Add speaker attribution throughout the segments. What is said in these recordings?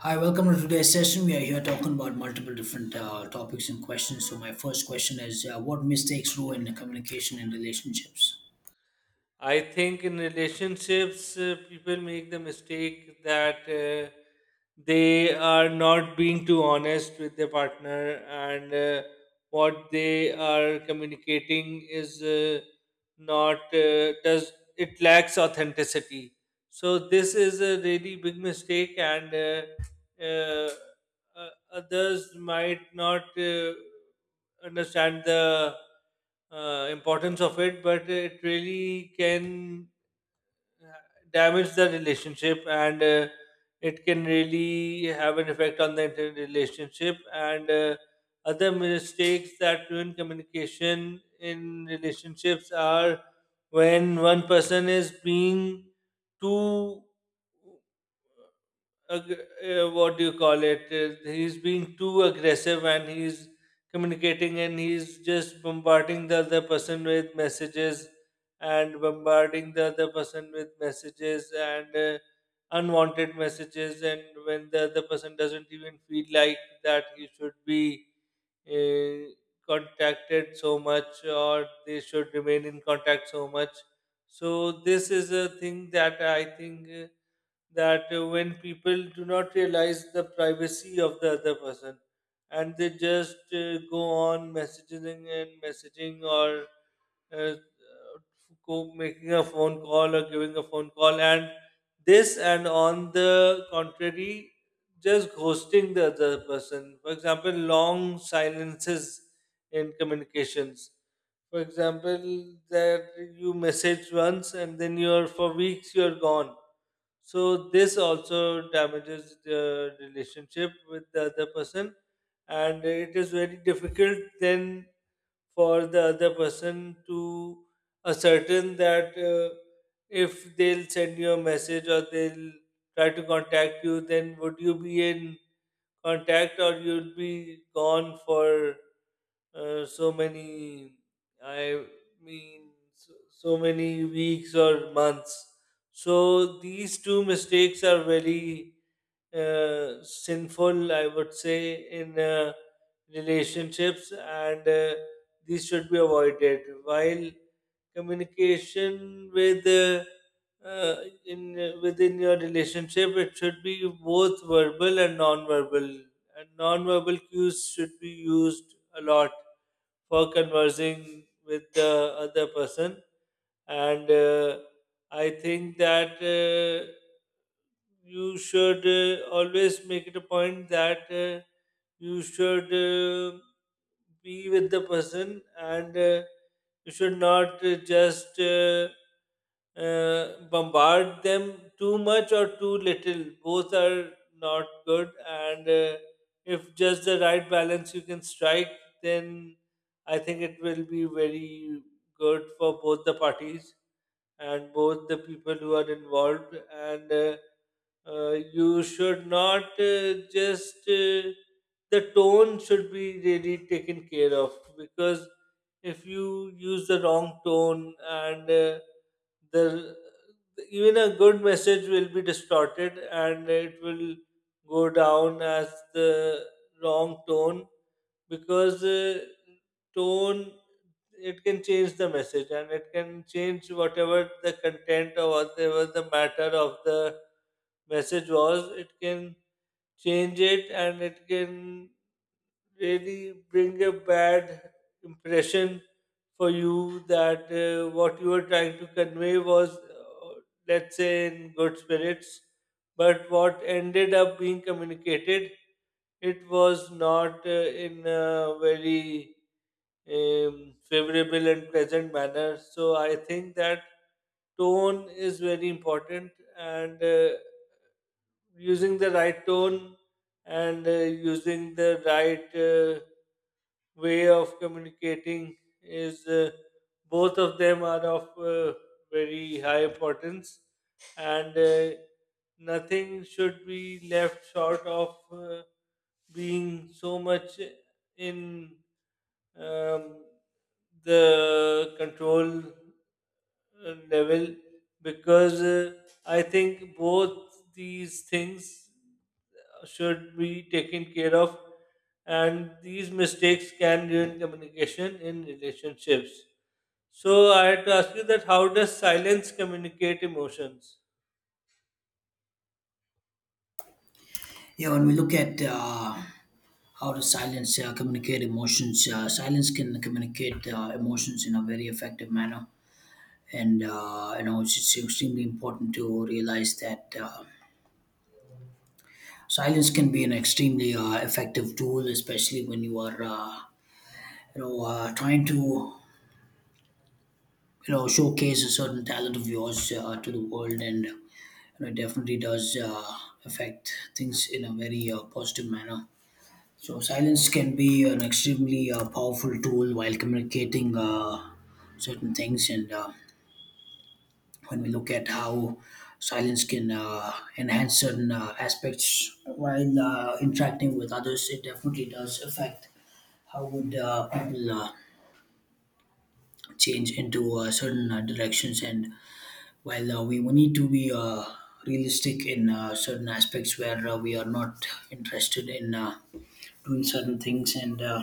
Speaker 1: Hi, welcome to today's session. We are here talking about multiple different topics and questions. So, my first question is what mistakes ruin communication in relationships?
Speaker 2: I think in relationships, people make the mistake that they are not being too honest with their partner, and what they are communicating is not does it lacks authenticity. So this is a really big mistake, and others might not understand the importance of it, but it really can uh, damage the relationship, and it can really have an effect on the entire relationship. And Other mistakes that ruin communication in relationships are when one person is being too ag- what do you call it? He's being too aggressive, and he's communicating, and he's just bombarding the other person with messages and unwanted messages. And when the other person doesn't even feel like that, he should be uh, contacted so much, or they should remain in contact so much. So this is a thing that I think, that when people do not realize the privacy of the other person, and they just go on messaging and messaging, or uh, go making a phone call or giving a phone call, and this. And on the contrary, just ghosting the other person, for example long silences in communications, for example that you message once and then you're, for weeks you're gone. So this also damages the relationship with the other person, and it is very difficult then for the other person to ascertain that, if they'll send you a message or they'll try to contact you, then would you be in contact, or you'll be gone for uh, so many i so, so many weeks or months. So these two mistakes are very sinful, I would say, in relationships. And these should be avoided while communication uh, in within your relationship. It should be both verbal and non-verbal, and non-verbal cues should be used a lot for conversing with the other person. And I think that you should always make it a point that you should be with the person, and you should not just bombard them too much or too little. Both are not good. And if just the right balance you can strike, then I think it will be very good for both the parties and both the people who are involved. And you should not just. The tone should be really taken care of, because if you use the wrong tone, and the even a good message will be distorted and it will go down as the wrong tone, because tone, it can change the message, and it can change whatever the content or whatever the matter of the message was, it can change it, and it can really bring a bad impression for you, that what you were trying to convey was, let's say, in good spirits, but what ended up being communicated, it was not in a very favorable and pleasant manner. So I think that tone is very important, and using the right tone, and using the right way of communicating, is both of them are of very high importance. And nothing should be left short of being so much in um, the control level, because I think both these things should be taken care of, and these mistakes can ruin communication in relationships. So I had to ask you, that how does silence communicate emotions?
Speaker 1: Yeah, when we look at how does silence communicate emotions, silence can communicate emotions in a very effective manner. And, it's extremely important to realize that silence can be an extremely effective tool, especially when you are, trying to showcase a certain talent of yours to the world, and it definitely does affect things in a very positive manner. So silence can be an extremely powerful tool while communicating certain things. And when we look at how silence can enhance certain aspects while interacting with others, it definitely does affect how would people change into certain directions. And well, we need to be realistic in certain aspects where we are not interested in doing certain things, and uh,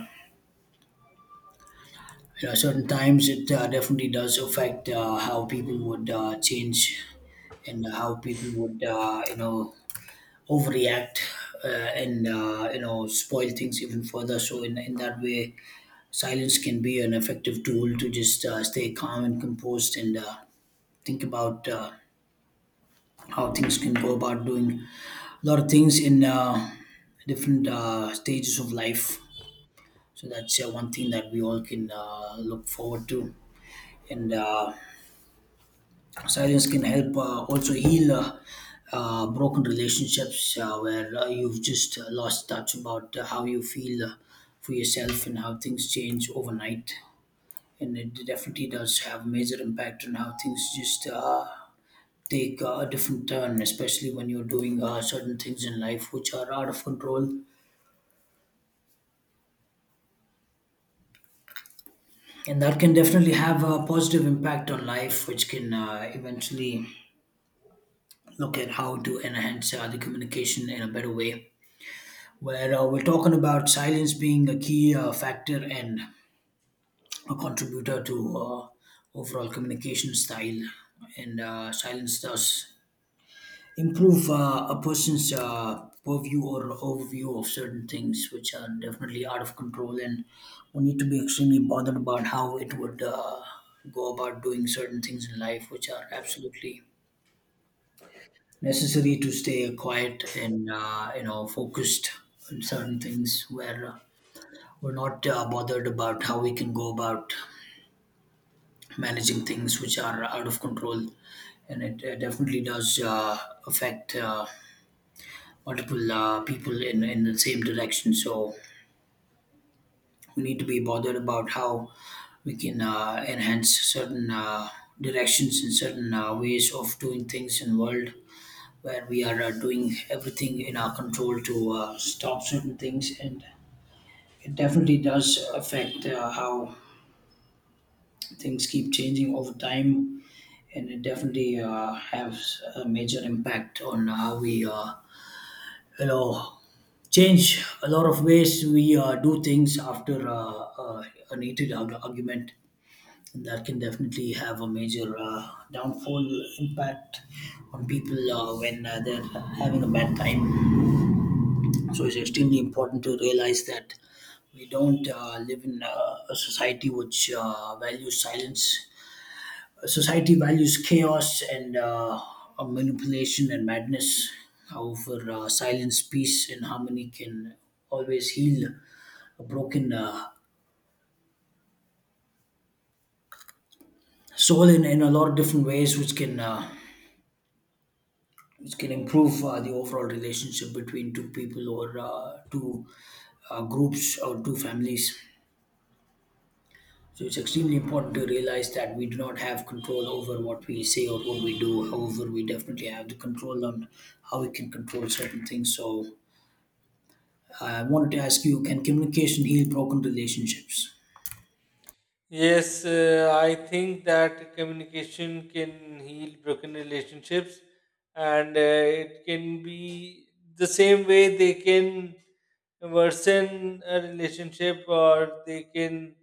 Speaker 1: you know, certain times it definitely does affect how people would change, and how people would overreact uh, and spoil things even further. So in that way, silence can be an effective tool to just stay calm and composed, and think about how things can go about doing a lot of things in different stages of life. So that's one thing that we all can look forward to. And silence can help also heal broken relationships where you've just lost touch about how you feel for yourself, and how things change overnight. And it definitely does have major impact on how things just take a different turn, especially when you're doing certain things in life which are out of control, and that can definitely have a positive impact on life, which can eventually look at how to enhance the communication in a better way, where we're talking about silence being a key factor and a contributor to overall communication style. And silence does improve a person's purview or overview of certain things which are definitely out of control, and we need to be extremely bothered about how it would go about doing certain things in life which are absolutely necessary to stay quiet and focused on certain things where we're not bothered about how we can go about managing things which are out of control. And it definitely does affect multiple people in the same direction. So we need to be bothered about how we can enhance certain directions and certain ways of doing things in world, where we are doing everything in our control to stop certain things. And it definitely does affect how things keep changing over time, and it definitely has a major impact on how we Hello. Change a lot of ways we do things after an heated argument, and that can definitely have a major downfall impact on people when they're having a bad time. So it's extremely important to realize that we don't live in a society which values silence. Society values chaos and manipulation and madness. However, silence, peace, and harmony can always heal a broken soul in a lot of different ways, which can improve the overall relationship between two people, or two groups or two families. So it's extremely important to realize that we do not have control over what we say or what we do. However, we definitely have the control on how we can control certain things. So I wanted to ask you, can communication heal broken relationships?
Speaker 2: Yes, I think that communication can heal broken relationships. And it can be, the same way they can worsen a relationship or they can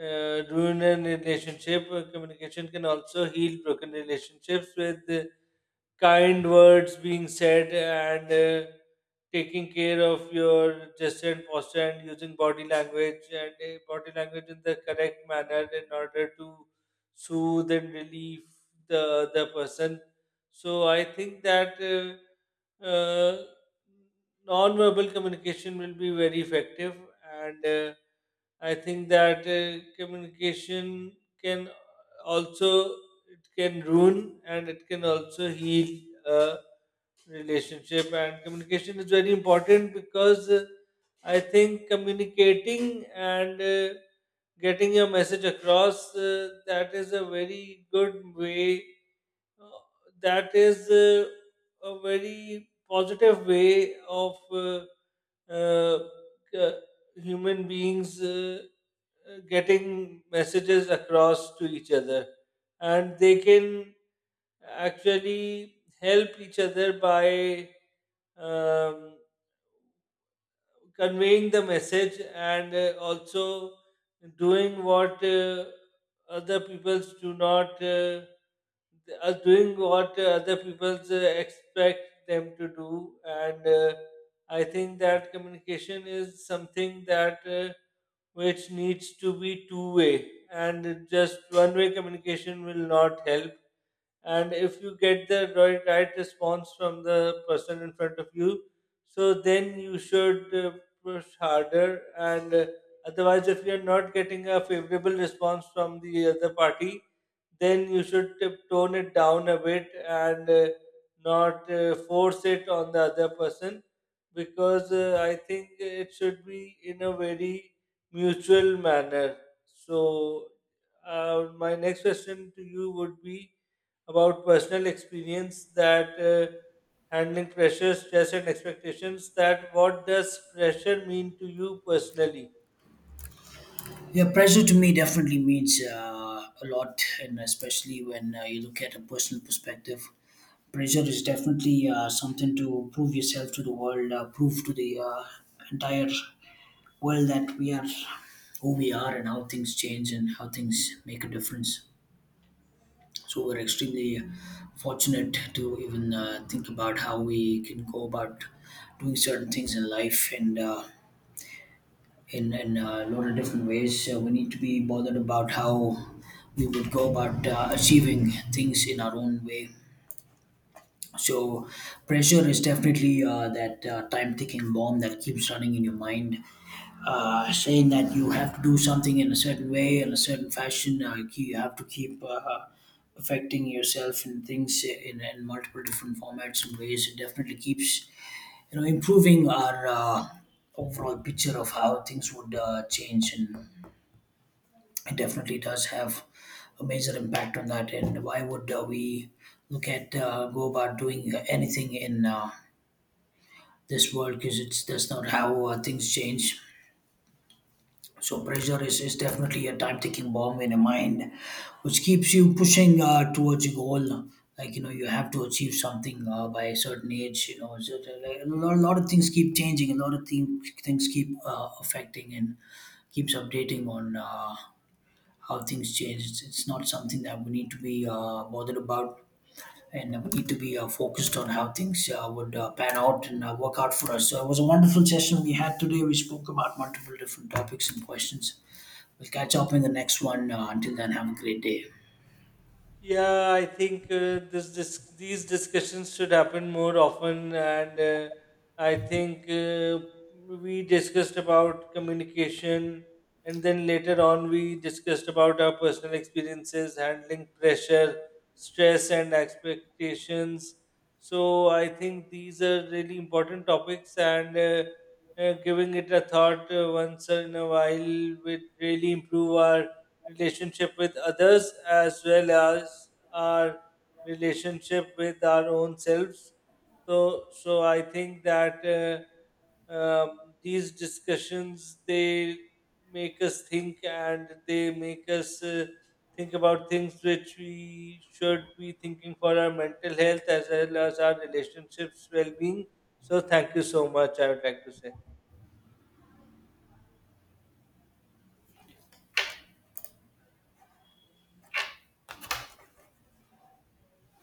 Speaker 2: ruin a relationship, communication can also heal broken relationships, with kind words being said, and taking care of your gesture and posture, and using body language and body language in the correct manner in order to soothe and relieve the other person. So I think that non-verbal communication will be very effective. And I think that communication can also, it can ruin and it can also heal a relationship. And communication is very important, because I think communicating, and getting your message across, way uh, that is a very positive way of uh, uh, c- human beings getting messages across to each other, and they can actually help each other by um, conveying the message, and also doing what other peoples do not are doing what other peoples expect them to do. And I think that communication is something that which needs to be two way, and just one way communication will not help. And if you get the right response from the person in front of you, so then you should push harder. And otherwise, if you're not getting a favorable response from the other party, then you should tone it down a bit, and not force it on the other person, because I think it should be in a very mutual manner. So my next question to you would be about personal experience, that handling pressure, stress, and expectations. That what does pressure mean to you personally?
Speaker 1: Yeah, pressure to me definitely means a lot, and especially when you look at a personal perspective. Pressure is definitely something to prove yourself to the world, prove to the entire world that we are who we are, and how things change and how things make a difference. So, we're extremely fortunate to even think about how we can go about doing certain things in life. And in a lot of different ways, we need to be bothered about how we would go about achieving things in our own way. So pressure is definitely that time-ticking bomb that keeps running in your mind, saying that you have to do something in a certain way, in a certain fashion. You have to keep affecting yourself in things in multiple different formats and ways. It definitely keeps improving our overall picture of how things would change, and it definitely does have a major impact on that. And why would we look at go about doing anything in this world? Because it's that's not how things change. So pressure is definitely a time-ticking bomb in your mind, which keeps you pushing towards your goal. Like you have to achieve something by a certain age. You know, so, a lot of things keep changing. A lot of things keep affecting and keeps updating on. How things change. It's not something that we need to be bothered about, and we need to be focused on how things would pan out and work out for us. So it was a wonderful session we had today. We spoke about multiple different topics and questions. We'll catch up in the next one. Until then, have a great day.
Speaker 2: Yeah, I think this, this these discussions should happen more often, and I think we discussed about communication, and then later on we discussed about our personal experiences, handling pressure, stress, and expectations. So I think these are really important topics, and giving it a thought once in a while would really improve our relationship with others, as well as our relationship with our own selves. So, so I think that these discussions, they make us think, and they make us think about things which we should be thinking for our mental health as well as our relationships well-being. So thank you so much, I would like to say.